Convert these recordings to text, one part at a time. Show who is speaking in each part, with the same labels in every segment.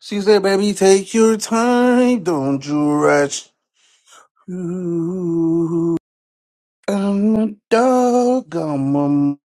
Speaker 1: She said, baby, take your time. Don't you rush. Ooh, I'm a dog. I'm a...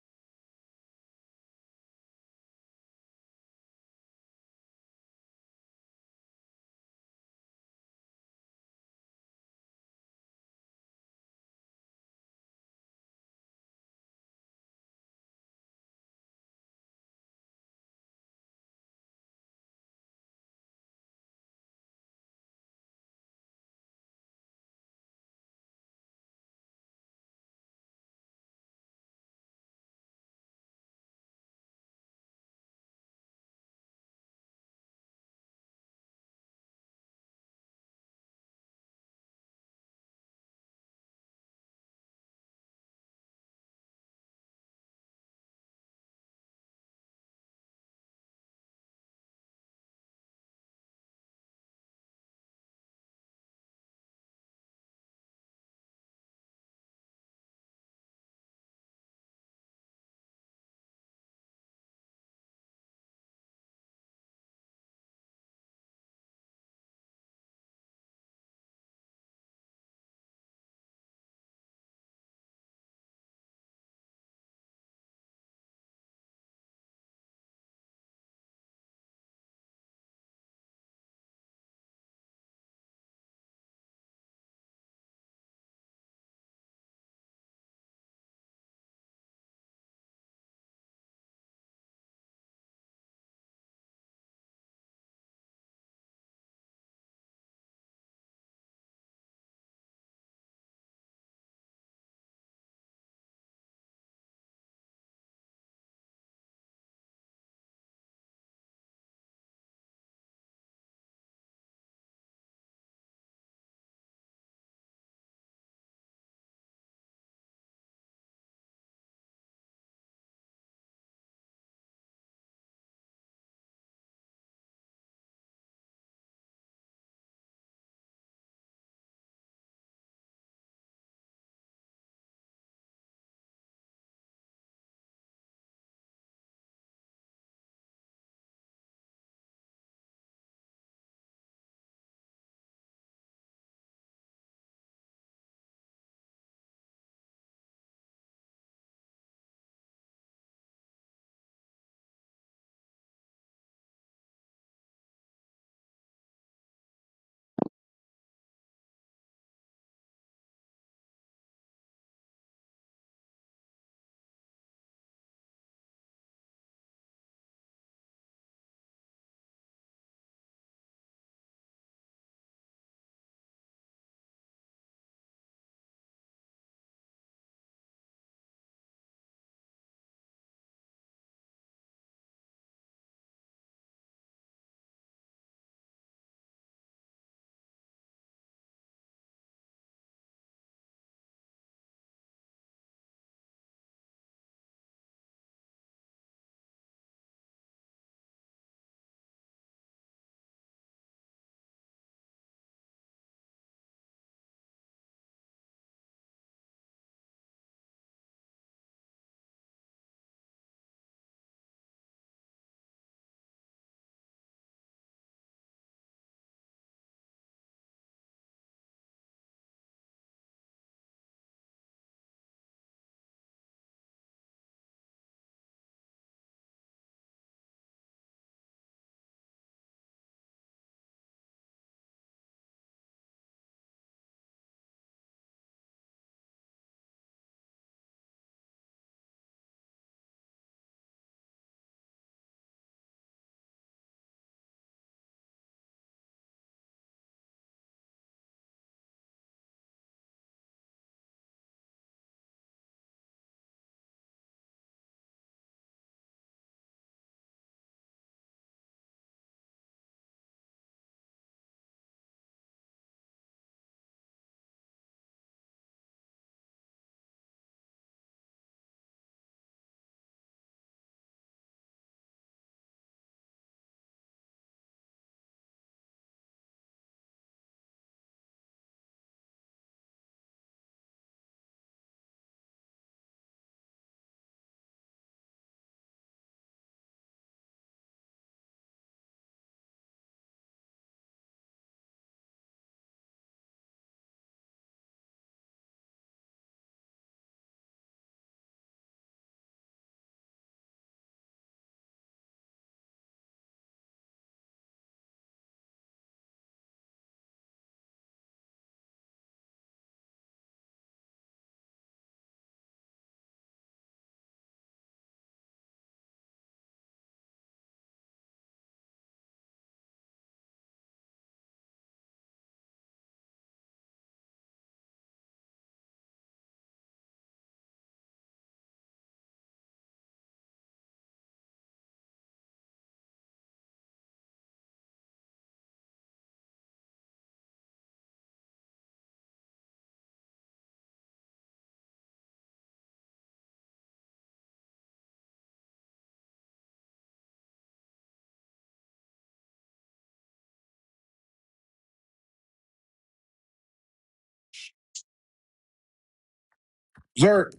Speaker 1: Zerk,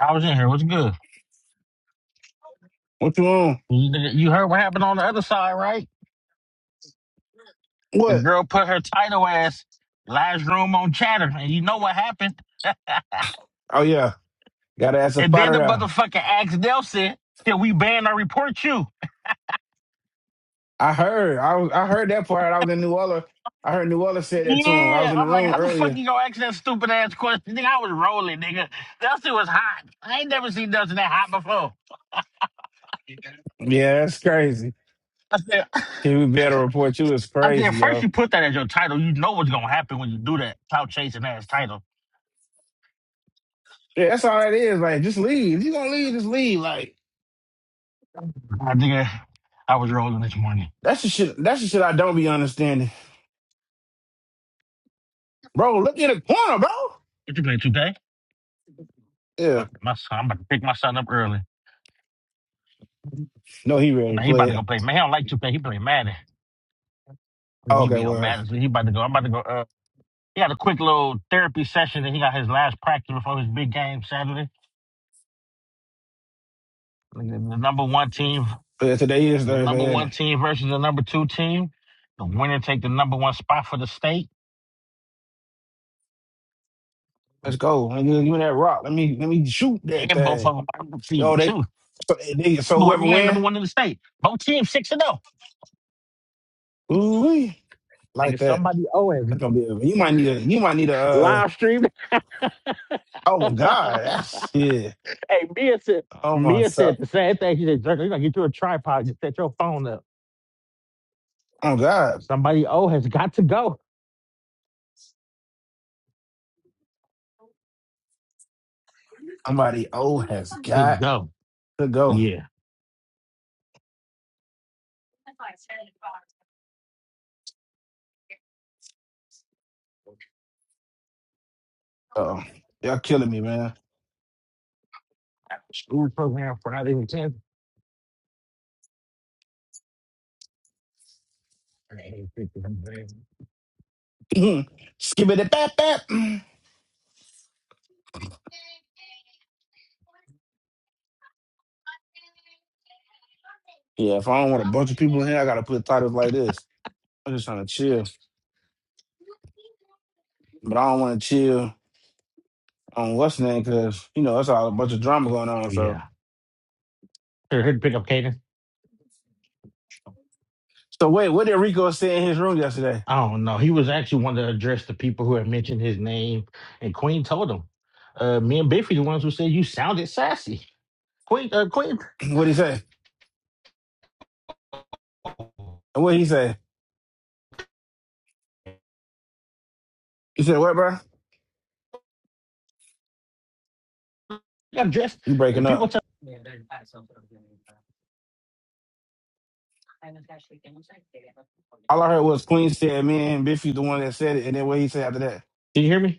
Speaker 2: I was in here. What's good?
Speaker 1: what you on?
Speaker 2: You you heard what happened on the other side, right? The
Speaker 1: What?
Speaker 2: girl put her title ass last room on chatter, and you know what happened.
Speaker 1: Oh yeah, gotta ask a
Speaker 2: and then
Speaker 1: spotter
Speaker 2: the
Speaker 1: there.
Speaker 2: motherfucker asked Nelson, "Can we ban or report you?"
Speaker 1: I heard, I was, I heard that part. I was in New Orleans. I heard New Orleans said that to him. I was
Speaker 2: Yeah,
Speaker 1: in the
Speaker 2: I'm like,
Speaker 1: room
Speaker 2: how the fuck
Speaker 1: earlier.
Speaker 2: you gonna ask that stupid ass question? Nigga, I was rolling, nigga. Nelson was hot. I ain't never seen Nelson that hot before.
Speaker 1: Yeah, that's crazy.
Speaker 2: I said,
Speaker 1: Can we better report you? It's
Speaker 2: I said,
Speaker 1: crazy,
Speaker 2: first
Speaker 1: yo.
Speaker 2: you put that as your title, you know what's gonna happen when you do that. Clout chasing ass title.
Speaker 1: Yeah, that's all it is. Like, just leave. If you gonna leave, just leave. Like,
Speaker 2: I nigga, I I was rolling this morning.
Speaker 1: that's the shit. That's the shit I don't be understanding, bro. Look in the corner, bro.
Speaker 2: What you play 2K?
Speaker 1: Yeah.
Speaker 2: Fuck, My son, I'm about to pick my son up early. And
Speaker 1: No, he ready to
Speaker 2: he
Speaker 1: play
Speaker 2: about to
Speaker 1: it.
Speaker 2: go play. Man, he don't like 2K. He play Madden. I mean,
Speaker 1: Oh,
Speaker 2: he
Speaker 1: Okay,
Speaker 2: be on
Speaker 1: well,
Speaker 2: Madden. So he about to go. I'm about to go. Uh, he had a quick little therapy session, and he got his last practice before his big game Saturday. Like, The, the number one team,
Speaker 1: yeah, today is
Speaker 2: the number
Speaker 1: Thursday, ain't
Speaker 2: one
Speaker 1: it?
Speaker 2: team versus the number two team. The winner take the number one spot for the state,
Speaker 1: Let's go. And then you and that rock. Let me let me shoot that
Speaker 2: and both
Speaker 1: thing.
Speaker 2: of them are
Speaker 1: Yo,
Speaker 2: undefeated
Speaker 1: they
Speaker 2: too.
Speaker 1: so, eh, they, so
Speaker 2: Whoever
Speaker 1: whoever
Speaker 2: win,
Speaker 1: win,
Speaker 2: number one in the state. Both teams six and zero.
Speaker 1: ooh, like
Speaker 2: Nigga,
Speaker 1: that.
Speaker 2: somebody always
Speaker 1: That's gonna be. A, you might need a. You might need a. Uh,
Speaker 2: live stream.
Speaker 1: oh my God, that's yeah.
Speaker 2: Hey, Mia said,
Speaker 1: Oh my
Speaker 2: Mia said
Speaker 1: so.
Speaker 2: the same thing. She said, Jerk, you're going to get you a tripod just set your phone up.
Speaker 1: Oh God,
Speaker 2: Somebody old has got to go.
Speaker 1: somebody old has
Speaker 2: To
Speaker 1: got
Speaker 2: go.
Speaker 1: to go.
Speaker 2: Yeah.
Speaker 1: Oh, y'all killing me, man.
Speaker 2: School program Friday the 10th. Oh,
Speaker 1: Skip it, bap bap. Yeah, if I don't want a bunch of people in here, I gotta put titles like this. I'm just trying to chill, but I don't want to chill on what's his name because you know it's all a bunch of drama going on. So,
Speaker 2: yeah. They're here to pick up Caden.
Speaker 1: so wait, what did Rico say in his room yesterday?
Speaker 2: I don't know. He was actually wanting to address the people who had mentioned his name, and Queen told him. Uh, me and Biffy, the ones who said you sounded sassy. Queen, uh, Queen,
Speaker 1: what did he say?
Speaker 2: you
Speaker 1: And what did he say? He said, "What, bro?
Speaker 2: got dressed.
Speaker 1: You breaking
Speaker 2: People
Speaker 1: up?"
Speaker 2: tell.
Speaker 1: All I heard was Queen said, "Me and Biffy the one that said it," and then what he said after that?
Speaker 2: Did you hear me?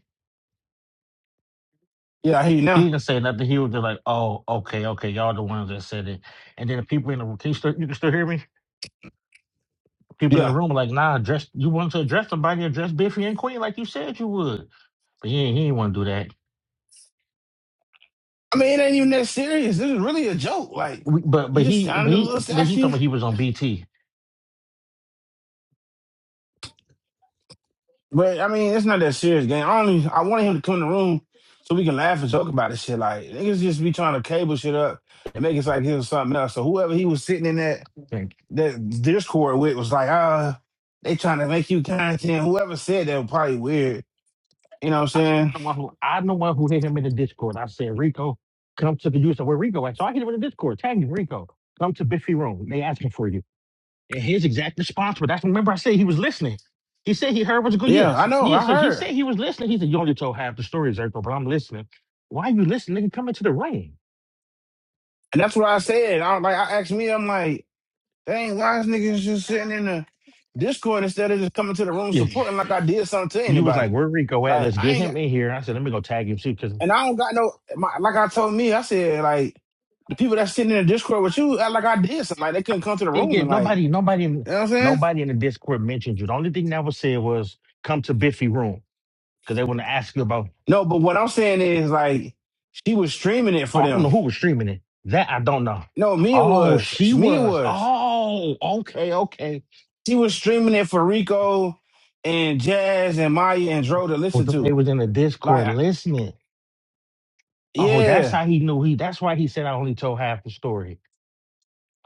Speaker 1: Yeah, I hear you
Speaker 2: He
Speaker 1: now.
Speaker 2: didn't say nothing. He was just like, "Oh, okay, okay, y'all the ones that said it." And then the people in the room, can you, still, you can still hear me. People in the
Speaker 1: Yeah,
Speaker 2: room were like, "Nah, address. You want to address somebody, address Biffy and Queen like you said you would." But he ain't- he didn't want to do that.
Speaker 1: I mean it ain't even that serious. This is really a joke. Like
Speaker 2: We, but but
Speaker 1: you just
Speaker 2: he but
Speaker 1: sounded a
Speaker 2: he
Speaker 1: little
Speaker 2: but he told
Speaker 1: sassy,
Speaker 2: me he was on BT.
Speaker 1: but I mean it's not that serious, game. I only I wanted him to come in the room so we can laugh and joke about this shit. Like niggas just be trying to cable shit up and make it like it was something else. So whoever he was sitting in that
Speaker 2: Thank you.
Speaker 1: the Discord with was like, uh, they trying to make you content. Whoever said that was probably weird. You know what I'm saying?
Speaker 2: I'm the one who I'm the one who hit him in the Discord. I said, "Rico, come to the user where Rico at? So I hit him in the Discord. Tag him, Rico. Come to Biffy room. They asking for you. And his exact response was, that's remember I said he was listening. He said he heard what's good.
Speaker 1: Yeah, I
Speaker 2: Yes.
Speaker 1: know.
Speaker 2: Yeah,
Speaker 1: I
Speaker 2: so he
Speaker 1: heard,
Speaker 2: said he was listening. He said, You only told half the story, Zerko, but I'm listening. Why you listening? Nigga, come into the ring.
Speaker 1: and that's what I said. I like. I asked me. I'm like, dang, why is niggas just sitting in the Discord instead of just coming to the room
Speaker 2: Yeah.
Speaker 1: supporting like I did something to
Speaker 2: You was like,
Speaker 1: anybody?
Speaker 2: where Rico at?
Speaker 1: Like
Speaker 2: Let's
Speaker 1: I
Speaker 2: get
Speaker 1: ain't got,
Speaker 2: him in here. I said, let me go tag him too. Cause
Speaker 1: and I don't got no. My, like I told me, I said like the people that's sitting in the Discord with you act like I did something. Like they couldn't come to the
Speaker 2: didn't
Speaker 1: room and
Speaker 2: get
Speaker 1: like, you
Speaker 2: nobody, nobody in
Speaker 1: know what I'm saying?
Speaker 2: nobody in the Discord mentioned you. The only thing that was said was come to Biffy room. Cause they want to ask you about
Speaker 1: No, but what I'm saying is like she was streaming it for
Speaker 2: oh, I don't
Speaker 1: them.
Speaker 2: know who was streaming it. That I don't know.
Speaker 1: No, me it
Speaker 2: Oh,
Speaker 1: was.
Speaker 2: she
Speaker 1: Me it
Speaker 2: was.
Speaker 1: was.
Speaker 2: Oh, okay, okay.
Speaker 1: She was streaming it for Rico and Jazz and Maya and Dro to
Speaker 2: Well,
Speaker 1: listen
Speaker 2: so they
Speaker 1: to.
Speaker 2: was in the
Speaker 1: Like,
Speaker 2: Discord listening. Oh, that's
Speaker 1: yeah,
Speaker 2: how he knew he. That's why he said I only told half the story.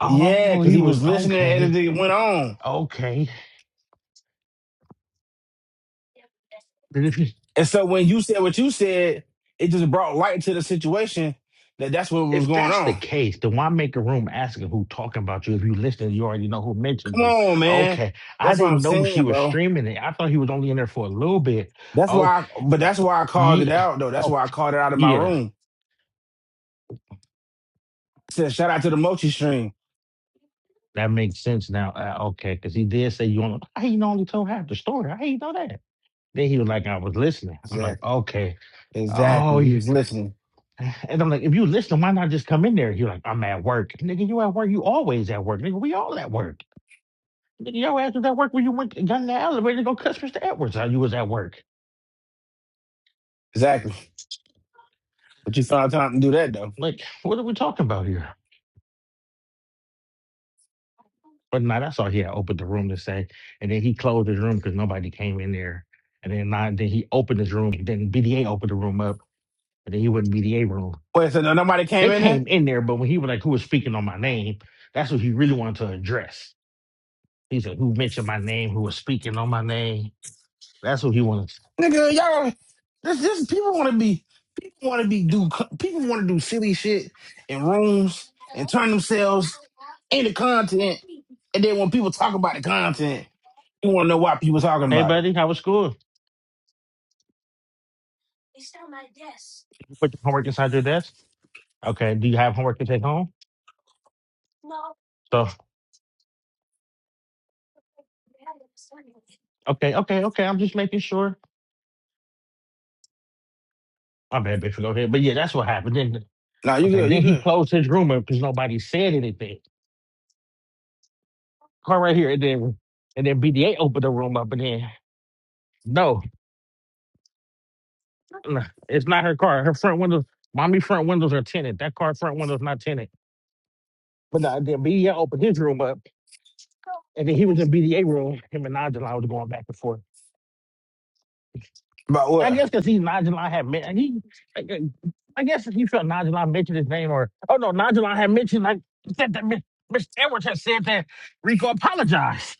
Speaker 1: yeah, because
Speaker 2: he
Speaker 1: he
Speaker 2: was
Speaker 1: was listening as
Speaker 2: okay.
Speaker 1: it went on.
Speaker 2: Okay. Then if you,
Speaker 1: And so when you said what you said, it just brought light to the situation that that's what was
Speaker 2: if
Speaker 1: going
Speaker 2: that's the
Speaker 1: on.
Speaker 2: case, then why make a room asking who talking about you? If you listen, you already know who mentioned
Speaker 1: Come
Speaker 2: you.
Speaker 1: on, man.
Speaker 2: Okay. I
Speaker 1: That's what I'm
Speaker 2: didn't know she
Speaker 1: saying,
Speaker 2: was
Speaker 1: bro.
Speaker 2: streaming it. I thought he was only in there for a little bit.
Speaker 1: That's
Speaker 2: Oh,
Speaker 1: why, I, but that's why I called it
Speaker 2: yeah.
Speaker 1: out, though. That's
Speaker 2: Oh,
Speaker 1: why I called it out in my
Speaker 2: yeah.
Speaker 1: room. said, shout out to the Mochi stream.
Speaker 2: That makes sense now. Uh, okay, because he did say you only. I ain't only told half the story. I ain't know that. Then he was like, I was listening. I'm like,
Speaker 1: Exactly.
Speaker 2: okay.
Speaker 1: Exactly.
Speaker 2: Oh,
Speaker 1: He
Speaker 2: yeah.
Speaker 1: was listening.
Speaker 2: And I'm like, if you listen, why not just come in there? You're like, I'm at work. Nigga, you at work. You always at work. Nigga, we all at work. Nigga, your ass was at work when you went and got in the elevator to go cuss Mr. Edwards how you was at work.
Speaker 1: Exactly. But you found time to do that, though.
Speaker 2: Like, what are we talking about here? But nah, that's all he had opened the room to say. And then he closed his room because nobody came in there. And then nah, then he opened his room. Then BDA opened the room up. And then he went in BDA room.
Speaker 1: Wait, so no- nobody came
Speaker 2: They
Speaker 1: in there?
Speaker 2: came in there, but when he was like, who was speaking on my name, that's what he really wanted to address. He said, who mentioned my name, who was speaking on my name That's what he wanted.
Speaker 1: Nigga, y'all, this, this people want to be, people want to be do, people want to do silly shit in rooms and turn themselves into content. And then when people talk about the content, you want to know why people talking
Speaker 2: Hey,
Speaker 1: about it.
Speaker 2: buddy, how was school? Did you put your homework inside your desk? Okay. Do you have homework to take home? So, okay, okay, okay. I'm just making sure. My bad, bitch. Go ahead. But yeah, that's what happened. Then,
Speaker 1: Nah, you
Speaker 2: okay,
Speaker 1: good, you
Speaker 2: then he
Speaker 1: good.
Speaker 2: closed his room up because nobody said anything. Car right here, and then and then BDA opened the room up, and then no, no, it's not her car. Her front windows, mommy front windows are tinted. That car front window's not tinted. But uh, then BDA opened his room up, and then he was in BDA room. Him and Angela was going back and forth.
Speaker 1: About
Speaker 2: I
Speaker 1: what?
Speaker 2: guess because he's Nigel, had men- he. I I guess if you felt Nigel mentioned his name, or oh no, Nigel had mentioned like said that Mi- Mr. Edwards had said that Rico apologized,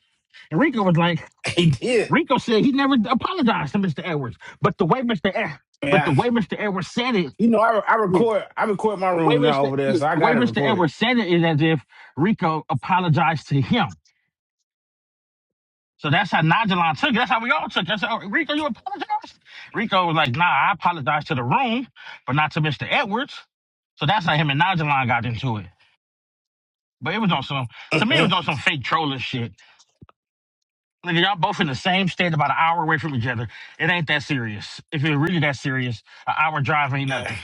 Speaker 2: and Rico was like,
Speaker 1: He did.
Speaker 2: Rico said he never apologized to Mr. Edwards, but the way Mr. Ed- but the
Speaker 1: Yeah.
Speaker 2: way Mr. Edwards said it,
Speaker 1: You know, I, I
Speaker 2: yeah,
Speaker 1: record, I record my
Speaker 2: the way
Speaker 1: rooms now
Speaker 2: Mr.
Speaker 1: over there,
Speaker 2: Yeah,
Speaker 1: so I
Speaker 2: the way
Speaker 1: got it
Speaker 2: Mr.
Speaker 1: recorded.
Speaker 2: Edwards said it is as if Rico apologized to him. So that's how Nigel took it. That's how we all took it. I said, oh, Rico, you apologize? Rico was like, nah, I apologize to the room, but not to Mr. Edwards. So that's how him and Nigel got into it. But it was on some, to me, it
Speaker 1: yeah.
Speaker 2: was on some fake trolling shit. Nigga, y'all both in the same state, about an hour away from each other. It ain't that serious. If it was really that serious, an hour drive ain't nothing.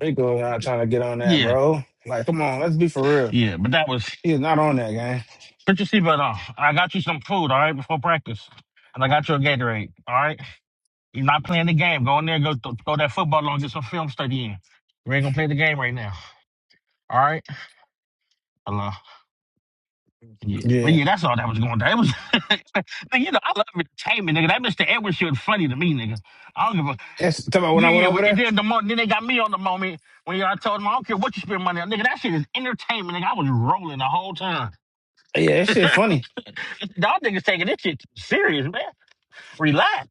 Speaker 1: Rico not trying to get on that,
Speaker 2: Yeah,
Speaker 1: bro. Like, come on, let's be for real.
Speaker 2: yeah. But that was,
Speaker 1: He's not on that, gang.
Speaker 2: put your seatbelt on. I got you some food, all right, before practice. And I got you a Gatorade, all right? You're not playing the game. Go in there, go th- throw that football on, get some film study in. We ain't gonna play the game right now. All right. Hello. Yeah.
Speaker 1: Yeah.
Speaker 2: But yeah, that's all that was going on. It was Nigga, you know, I love entertainment, nigga. That Mr. Edwards shit funny to me, nigga. I don't give a
Speaker 1: That's talk about when I
Speaker 2: yeah,
Speaker 1: went
Speaker 2: yeah.
Speaker 1: over
Speaker 2: but- And
Speaker 1: there.
Speaker 2: then the moment then they got me on the moment when y'all told them I don't care what you spend money on, nigga. That shit is entertainment, nigga. I was rolling the whole time.
Speaker 1: Yeah, that shit funny.
Speaker 2: Y'all niggas taking this shit serious, man. Relax.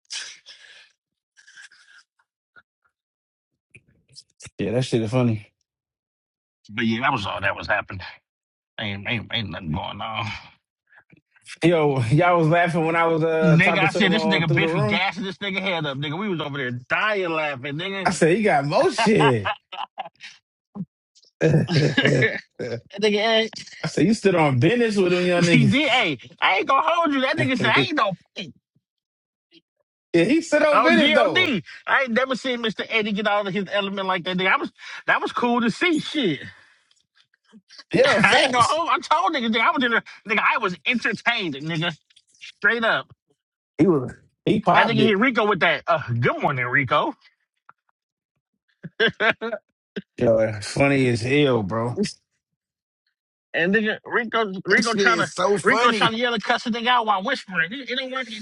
Speaker 1: Yeah, that shit is funny.
Speaker 2: But yeah, that was all that was happening. Ain't ain't, ain't nothing going on.
Speaker 1: Yo, y'all was laughing when I was uh
Speaker 2: Nigga,
Speaker 1: talking
Speaker 2: I
Speaker 1: to
Speaker 2: said
Speaker 1: him
Speaker 2: this
Speaker 1: on
Speaker 2: nigga
Speaker 1: through the
Speaker 2: Biffy
Speaker 1: room.
Speaker 2: gassing this nigga head up, nigga. We was over there dying laughing,
Speaker 1: I
Speaker 2: nigga.
Speaker 1: said, he got more shit. I
Speaker 2: That nigga, eh,
Speaker 1: said, you stood on business with them young
Speaker 2: he did.
Speaker 1: niggas.
Speaker 2: Hey, I ain't gonna hold you. That nigga said, I ain't
Speaker 1: yeah,
Speaker 2: no punk.
Speaker 1: he stood on
Speaker 2: Oh,
Speaker 1: business
Speaker 2: God,
Speaker 1: though.
Speaker 2: I ain't never seen Mr. Eddie get out of his element like that, nigga. I was, that was cool to see, shit.
Speaker 1: Yeah,
Speaker 2: I ain't gonna
Speaker 1: facts.
Speaker 2: hold, I told niggas, nigga, I was in there, nigga, I was entertained, nigga. Straight up.
Speaker 1: He was he
Speaker 2: That nigga
Speaker 1: popped
Speaker 2: hit
Speaker 1: it.
Speaker 2: Rico with that, uh, good morning, Rico.
Speaker 1: Yo, that's funny as hell, bro.
Speaker 2: And then Rico,
Speaker 1: That
Speaker 2: Rico
Speaker 1: shit
Speaker 2: trying
Speaker 1: is
Speaker 2: to,
Speaker 1: so
Speaker 2: Rico trying
Speaker 1: funny.
Speaker 2: to yell and cuss the thing out while whispering. It, it ain't working.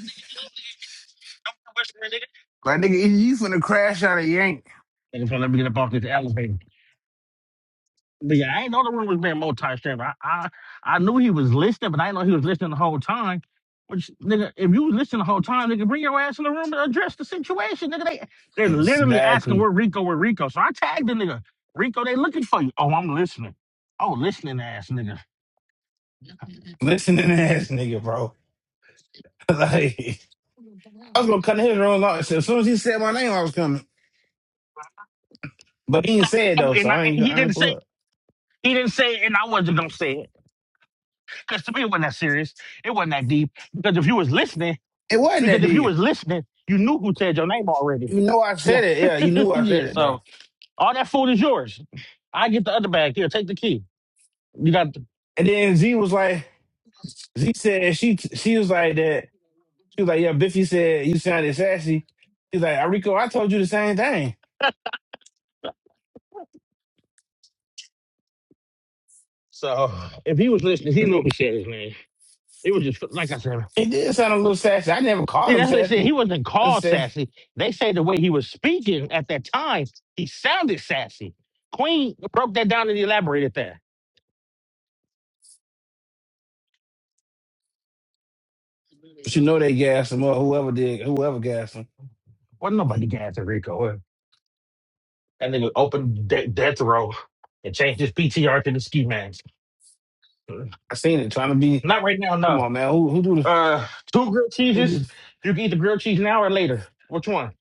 Speaker 2: I'm not whispering, nigga.
Speaker 1: Like nigga, you finna crash out of yank.
Speaker 2: Nigga, so let me get up off this elevator. But yeah, I ain't know the room was being multi-streamed. I, I, I knew he was listening, but I didn't know he was listening the whole time. Which, nigga, if you was listening the whole time, nigga, bring your ass in the room and address the situation, nigga. They, they're literally asking
Speaker 1: Exactly.
Speaker 2: where Rico, where Rico. So I tagged the nigga. Rico, they looking for you. Oh, I'm listening. Oh, listening ass, nigga.
Speaker 1: Listening ass nigga, bro. like I was gonna cut his rolls off. So as soon as he said my name, I was coming. But he ain't say it
Speaker 2: Oh,
Speaker 1: though, so
Speaker 2: and I,
Speaker 1: I
Speaker 2: and
Speaker 1: ain't
Speaker 2: he
Speaker 1: I
Speaker 2: didn't
Speaker 1: ain't pull
Speaker 2: say,
Speaker 1: up.
Speaker 2: he didn't say, it, and I wasn't gonna say it. Because to me, it wasn't that serious. It wasn't that deep. Because if you was listening,
Speaker 1: It wasn't that
Speaker 2: because if you
Speaker 1: deep.
Speaker 2: was listening, you knew who said your name already.
Speaker 1: You know I
Speaker 2: Yeah,
Speaker 1: said it. Yeah, you knew I said
Speaker 2: yeah.
Speaker 1: it,
Speaker 2: So
Speaker 1: bro.
Speaker 2: all that food is yours. I get the other bag here. Take the key. You got. The...
Speaker 1: And then Z was like, Z said she she was like that. She was like, yeah, Biffy said you sounded sassy. She's like, Arico, I told you the same thing.
Speaker 2: So if he was listening, he knew who said his name. It was just like I said.
Speaker 1: It did sound a little sassy. I never called
Speaker 2: Yeah,
Speaker 1: him
Speaker 2: that's what they said.
Speaker 1: sassy.
Speaker 2: He wasn't
Speaker 1: I just
Speaker 2: called
Speaker 1: said,
Speaker 2: sassy. They say the way he was speaking at that time, he sounded sassy. Queen broke that down and elaborated that.
Speaker 1: but you know they gassed him or whoever did, whoever gassed him.
Speaker 2: Well, nobody got to Rico. That nigga opened de- death row and changed his PTR to the ski mask.
Speaker 1: I seen it trying to be.
Speaker 2: Not right now,
Speaker 1: Come
Speaker 2: no.
Speaker 1: on, man. Who who do the
Speaker 2: Uh, two grilled
Speaker 1: who do?
Speaker 2: cheeses. You can eat the grilled cheese now or later. Which one?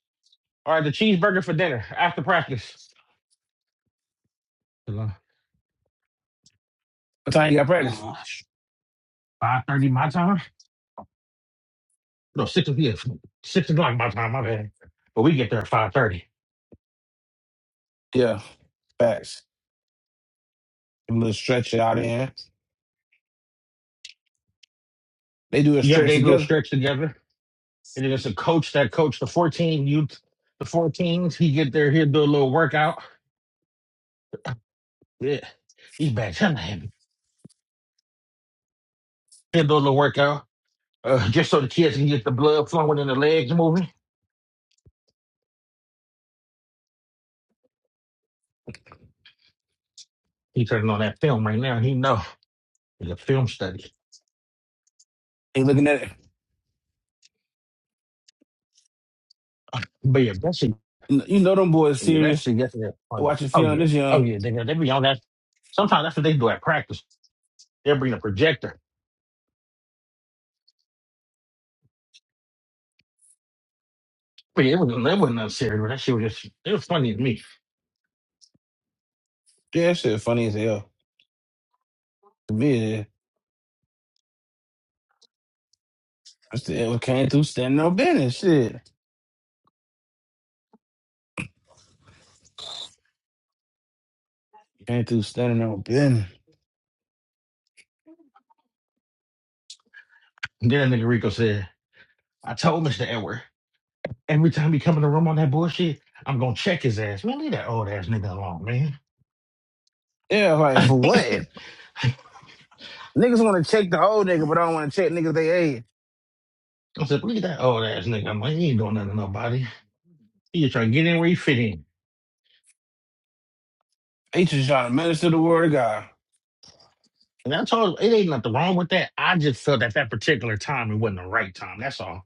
Speaker 2: All right, the cheeseburger for dinner after practice. Five
Speaker 1: What time you got practice?
Speaker 2: thirty my time. No, six o- yeah, six o'clock my time. My bad. But we get there at five thirty.
Speaker 1: Yeah, facts. a little stretch out there. They do a
Speaker 2: Yep,
Speaker 1: stretch
Speaker 2: they do a
Speaker 1: together.
Speaker 2: stretch together, and then it's a coach that coach the fourteen youth, the fourteens. He get there, he'll do a little workout. Yeah, these bags, I'm heavy. He'll do a little workout. uh, just so the kids can get the blood flowing in the legs moving. He turning on that film right now. He know it's a film study.
Speaker 1: They looking at it.
Speaker 2: But yeah, that shit,
Speaker 1: You know them boys
Speaker 2: yeah, that
Speaker 1: serious.
Speaker 2: shit yesterday was funny.
Speaker 1: watching
Speaker 2: Oh
Speaker 1: film
Speaker 2: yeah,
Speaker 1: this
Speaker 2: oh
Speaker 1: young.
Speaker 2: yeah, they they be on that. Sometimes that's what they do at practice. They will bring a projector. But yeah, it was that wasn't nothing serious. But that shit was just it was funny to me.
Speaker 1: Yeah, that shit funny as hell. To me, yeah. I still well, came through standing on business. Shit. Came through standing on business.
Speaker 2: And then that nigga Rico said, "I told Mister Edward every time he come in the room on that bullshit, I'm gonna check his ass. Man, leave that old ass nigga alone, man."
Speaker 1: Yeah, like, for what?
Speaker 2: I
Speaker 1: Niggas want to check the old nigga, but I don't want to check niggas they age.
Speaker 2: said, "Leave that old ass nigga. I'm like, he ain't doing nothing to nobody. He just trying to get in where he fit in."
Speaker 1: They just trying to minister the word of God.
Speaker 2: And I told her, it ain't nothing wrong with that. I just felt at that particular time it wasn't the right time. That's all.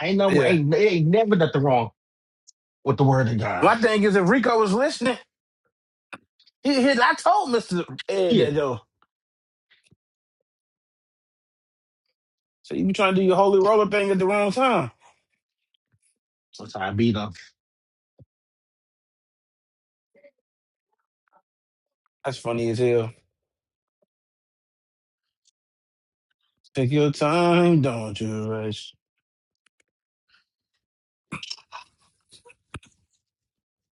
Speaker 2: I ain't no
Speaker 1: Yeah.
Speaker 2: ain't it ain't never nothing wrong with the word of God.
Speaker 1: My thing is, if Rico was listening, he, he, I told Mr. Ed
Speaker 2: Yeah.
Speaker 1: that, though. So you be trying to do your holy roller thing at the wrong time.
Speaker 2: So I beat up
Speaker 1: That's funny as hell. Take your time, don't you rush.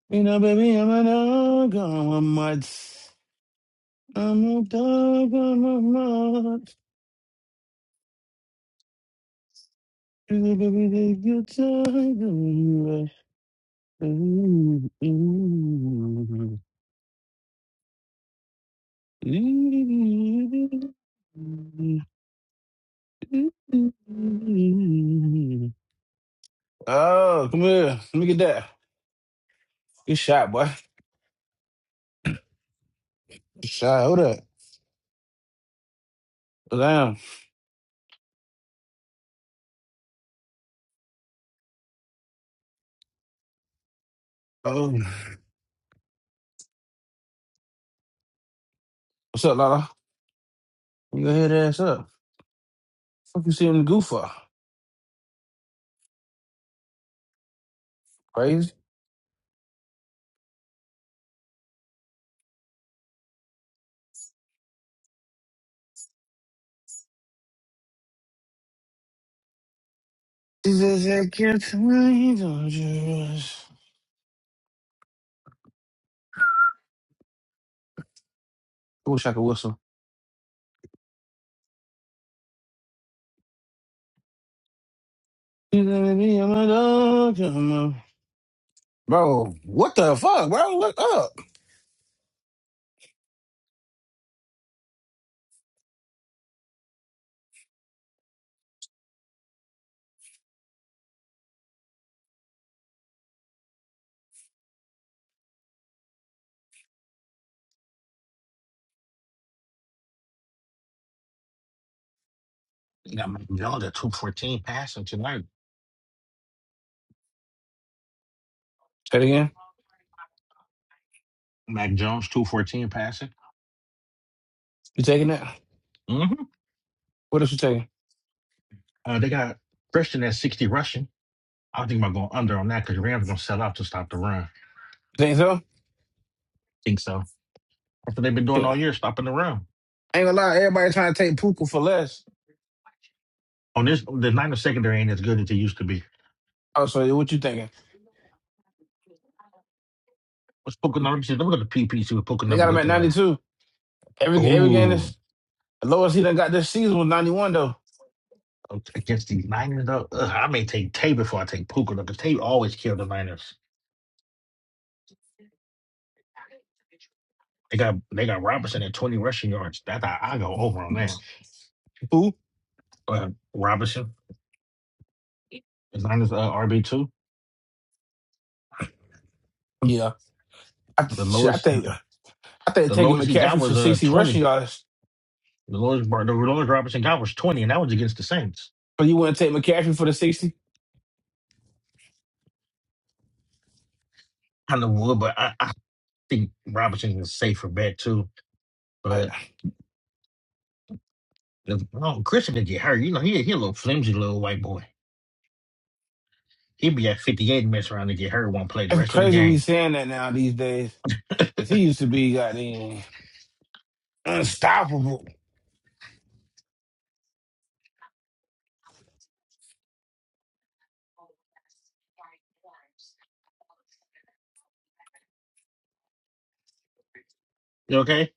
Speaker 1: You know, baby, I'm a dog on a mud. I'm a dog on a mud. You know, baby, take your time, don't you rush. Ooh, ooh, ooh. Oh, come here. Let me get that. Good shot, boy. Good shot. Hold up. Damn. Oh, what's up, Lala? You gonna hear that ass up? Fuck you see him goof for? Crazy. She says, I can't tell you don't just. I wish I could whistle. You going to be on my dog, come on my- Bro, what the fuck, bro? Look up.
Speaker 2: you got Mac Jones at two fourteen passing tonight.
Speaker 1: Say it again.
Speaker 2: Mac Jones two fourteen passing.
Speaker 1: You taking that?
Speaker 2: hmm
Speaker 1: What else you taking?
Speaker 2: Uh, they got Christian at sixty rushing. I think I'm going under on that because Rams gonna sell out to stop the run.
Speaker 1: You think so?
Speaker 2: Think so. That's what they've been doing
Speaker 1: Yeah.
Speaker 2: all year, stopping the run.
Speaker 1: Ain't gonna lie, everybody trying to take Puka for less.
Speaker 2: On this the Niners secondary ain't as good as it used to be.
Speaker 1: Oh, so what you thinking?
Speaker 2: What's poker numbers? Look at the PPC with poker
Speaker 1: They got
Speaker 2: numbers
Speaker 1: him at
Speaker 2: looking like.
Speaker 1: 92. Every ga- every game
Speaker 2: Ooh.
Speaker 1: this the lowest he done got this season was 91 though.
Speaker 2: against these Niners, though. Ugh, I may take Tay before I take Puka, though, because Tay always killed the Niners. They got they got Robinson at 20 rushing yards. That's how I go over on that.
Speaker 1: Who?
Speaker 2: But Robinson, the Niners uh, RB two.
Speaker 1: Yeah. I
Speaker 2: The
Speaker 1: shit, I
Speaker 2: lowest
Speaker 1: think I think
Speaker 2: the
Speaker 1: taking
Speaker 2: lowest he got
Speaker 1: McCaffrey for
Speaker 2: was uh
Speaker 1: 60 rushing
Speaker 2: 20.
Speaker 1: yards.
Speaker 2: The lowest the lowest Robinson got was 20, and that was against the Saints.
Speaker 1: But you wouldn't take McCaffrey for the 60?
Speaker 2: I know would, but I, I think Robinson is a safer bet too. But if, oh, Christian did get hurt. You know, he he a little flimsy little white boy. He'd be at 58 and mess around and get hurt, won't play the
Speaker 1: It's
Speaker 2: rest of the
Speaker 1: crazy we
Speaker 2: game.
Speaker 1: saying that now these days. Cause he used to be goddamn unstoppable.
Speaker 2: You okay?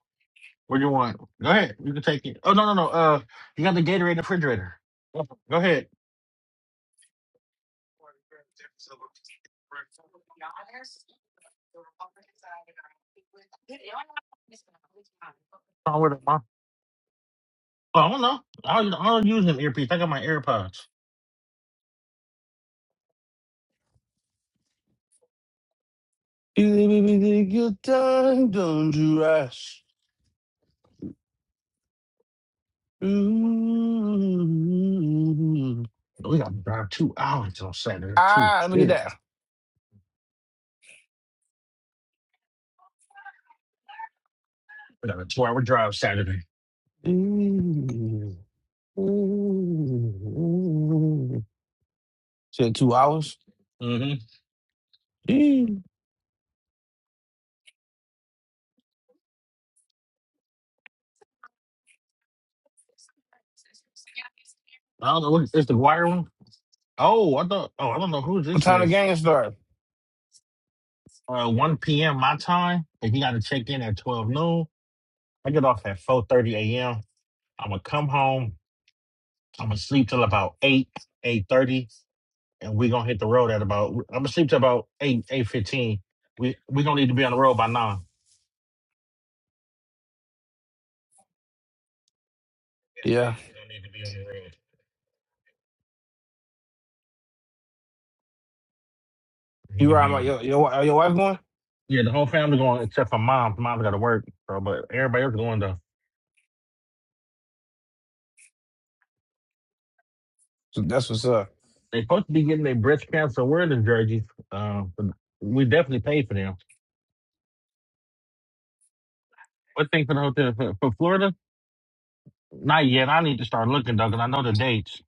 Speaker 2: What do you want? Go ahead. You can take it. Oh no no no. Uh, you got the Gatorade in the refrigerator. Go ahead. Oh, I don't know. I don't, I don't use an earpiece. I got my AirPods.
Speaker 1: You let me take your time, don't you rush. Ooh.
Speaker 2: We got to drive two hours on Saturday too.
Speaker 1: Ah, let me get
Speaker 2: Shit.
Speaker 1: that.
Speaker 2: We got a two-hour drive Saturday.
Speaker 1: Ooh. Ooh. Said two hours.
Speaker 2: Mm-hmm.
Speaker 1: Ooh.
Speaker 2: I don't know. What, is the wire one? Oh, I thought. Oh, I don't know who
Speaker 1: What
Speaker 2: this
Speaker 1: time the
Speaker 2: is.
Speaker 1: game start?
Speaker 2: Uh, 1 p.m. my time. If you got to check in at 12 noon, I get off at 4:30 a.m. I'm gonna come home. I'm gonna sleep till about 8, 8:30. and we gonna hit the road at about. I'm gonna sleep to about eight eight fifteen. We we gonna need to be on the road by nine. At the
Speaker 1: Yeah.
Speaker 2: latest, we gonna need to be on the road. He
Speaker 1: You
Speaker 2: can
Speaker 1: ride
Speaker 2: be
Speaker 1: my
Speaker 2: on.
Speaker 1: your your, wi- your wife going?
Speaker 2: Yeah, the whole family going except for mom. Mom's got to work, so but everybody else going though.
Speaker 1: So that's what's up.
Speaker 2: They supposed to be getting their breast cancer awareness jerseys. Uh, but we definitely paid for them. What thing for the hotel for, for Florida? Not yet. I need to start looking though, 'cause I know the dates.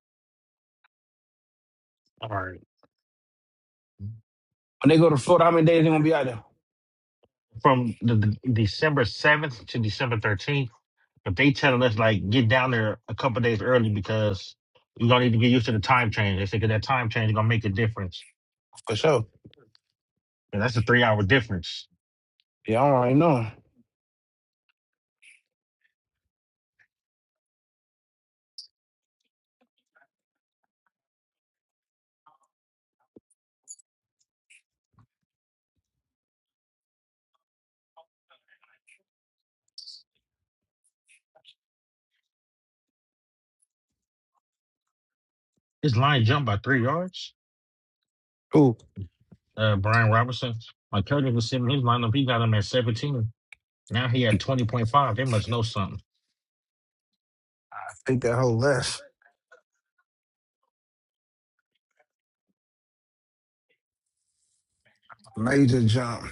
Speaker 2: All right,
Speaker 1: When they go to Florida, how many days they gonna be out there?
Speaker 2: from the, the December seventh to December thirteenth. If they telling us like get down there a couple days early because we gonna need to get used to the time change. They think that time change is gonna make a difference.
Speaker 1: For sure.
Speaker 2: And that's a three hour difference.
Speaker 1: Yeah, I don't already know.
Speaker 2: His line jumped by three yards.
Speaker 1: Ooh,
Speaker 2: Uh Brian Robinson. My cousin was sitting his lineup, he got him at seventeen. Now he at twenty point five. They must know something.
Speaker 1: I think that whole less. Major jump.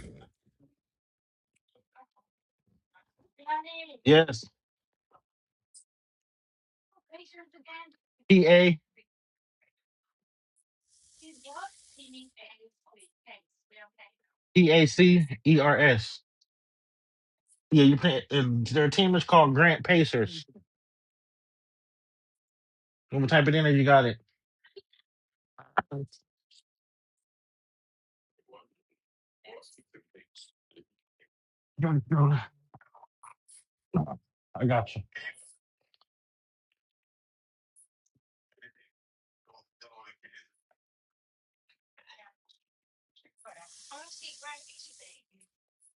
Speaker 2: Yes. P A P A C E R S. Yeah, you play if their team is called Grant Pacers. When we type it in there, you got it. I got you.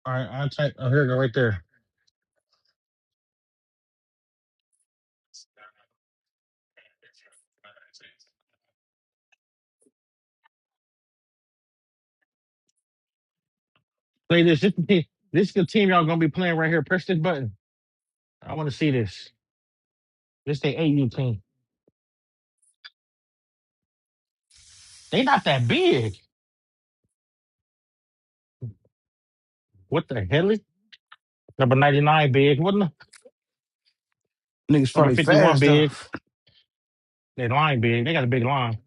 Speaker 2: All right, I'll type oh here you go right there. Play this. This the team- this the team y'all gonna be playing right here. Press this button. I want to see this. This they AU team. They not that big. What the hell is number ninety nine big? What n-
Speaker 1: Niggas
Speaker 2: number
Speaker 1: probably
Speaker 2: fifty one
Speaker 1: fast though.
Speaker 2: big? They line big. They got a big line.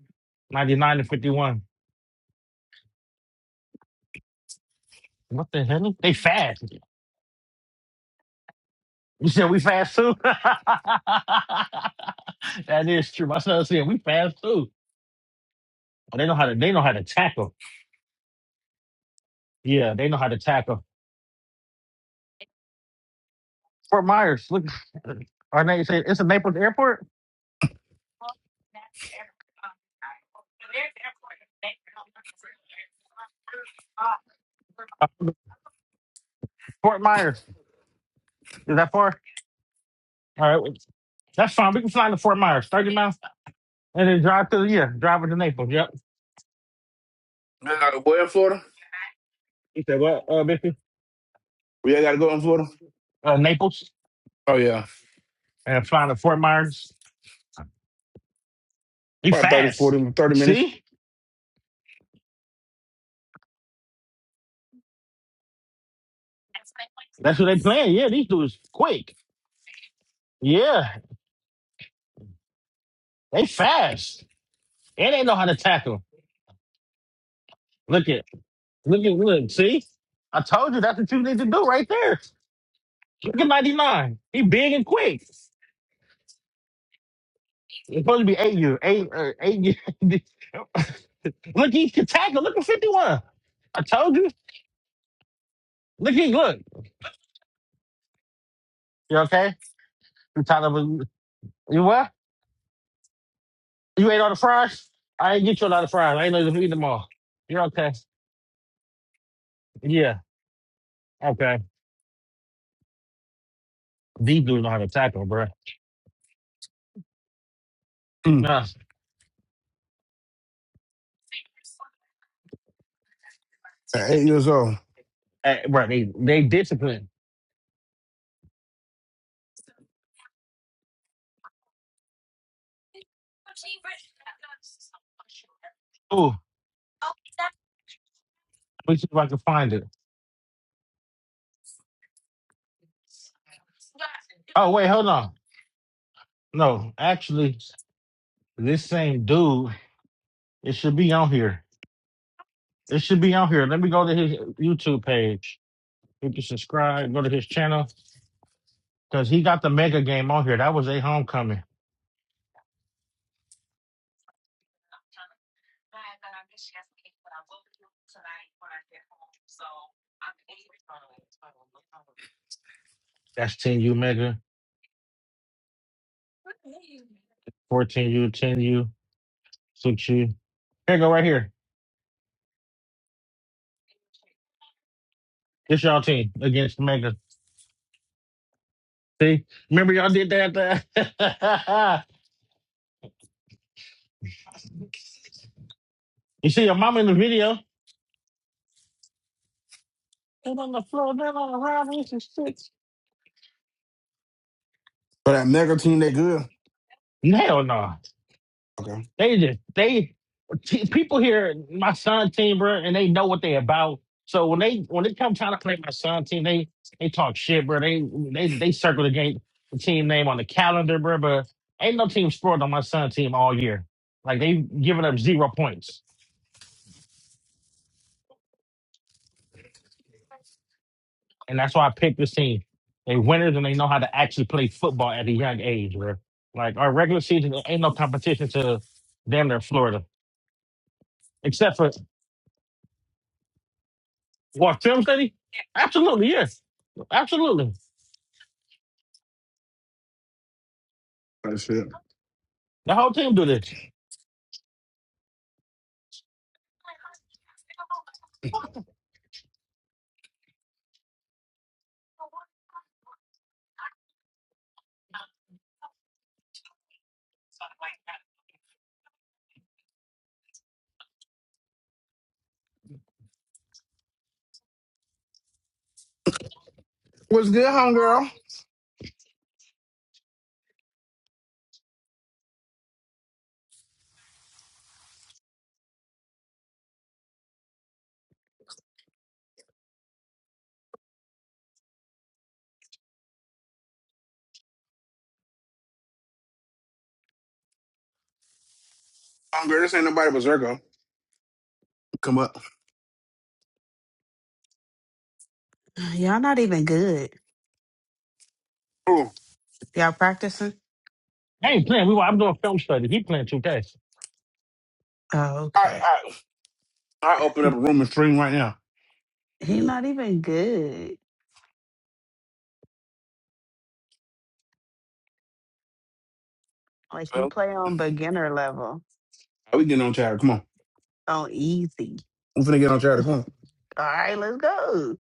Speaker 2: Ninety nine and fifty one. What the hell? They fast. You said we fast too. that is true. My son said we fast too. Oh, they know how to. They know how to tackle. Yeah, they know how to tackle. Fort Myers. Look, our name say it's a Naples airport. Uh, Fort Myers. Is that far? All right. wait. That's fine. We can fly to Fort Myers, 30 miles, and then drive to, yeah, drive to Naples. Yep.
Speaker 1: I gotta where in Florida?
Speaker 2: You said what, uh, Biffy?
Speaker 1: We gotta go in Florida.
Speaker 2: Uh, Naples
Speaker 1: Oh yeah,
Speaker 2: and fly to Fort Myers. We
Speaker 1: probably thirty, forty,
Speaker 2: fast.
Speaker 1: thirty minutes.
Speaker 2: See? That's what they playing. Yeah, these dudes quick. Yeah, they fast. And they know how to tackle. Look at, look at, look, see? I told you that's what you need to do right there. Look at 99. He big and quick. It's supposed to be 8 year, 8, uh, 8 year. Look, he can tackle. Look at 51. I told you. Look, he look. You okay? You tired of you what? You ate all the fries? I ain't get you a lot of fries. I ain't know if you eat them all. You're okay. Yeah. Okay. These dudes know how to tackle, bro.
Speaker 1: Mm.
Speaker 2: Nah.
Speaker 1: At eight years old.
Speaker 2: Hey, bruh, they they disciplined. Ooh, let me see if I can find it. Oh wait, hold on. No, actually, this same dude, it should be on here. It should be on here. Let me go to his YouTube page. You can subscribe, go to his channel. Because he got the mega game on here. That was a homecoming. That's 10U mega, 14U, 10U, 6U. Here go right here. This y'all team against mega. See? Remember y'all did that? you see your mom in the video? And on the floor, then on the round, this is six.
Speaker 1: But that mega team, they good.
Speaker 2: Hell no.
Speaker 1: Okay,
Speaker 2: They just they t- people here, my son team, bro, and they know what they about. So when they when they come trying to play my son team, they they talk shit, bro. They they they circle the game the team name on the calendar, bro. But ain't no team scored on my son team all year. Like they giving up zero points, and that's why I picked this team. They winners and they know how to actually play football at a young age, bro. Like our regular season there ain't no competition to damn near Florida, except for What Film Study? Absolutely, yes. Absolutely.
Speaker 1: that's it.
Speaker 2: The whole team do this.
Speaker 1: What's good, homegirl? Homegirl, this ain't nobody but Zerko. Come up.
Speaker 3: Y'all not even good.
Speaker 1: Ooh,
Speaker 3: Y'all practicing?
Speaker 2: I ain't playing. We were, I'm doing film study. He playing 2K.
Speaker 3: Oh,
Speaker 1: I,
Speaker 3: okay.
Speaker 1: I I open up a room and stream right now.
Speaker 3: He not even good. Like you
Speaker 1: So
Speaker 3: play on beginner level,
Speaker 1: we getting on chatter. Come on,
Speaker 3: on easy.
Speaker 1: we finna get on chatter. Come on.
Speaker 3: All right, let's go.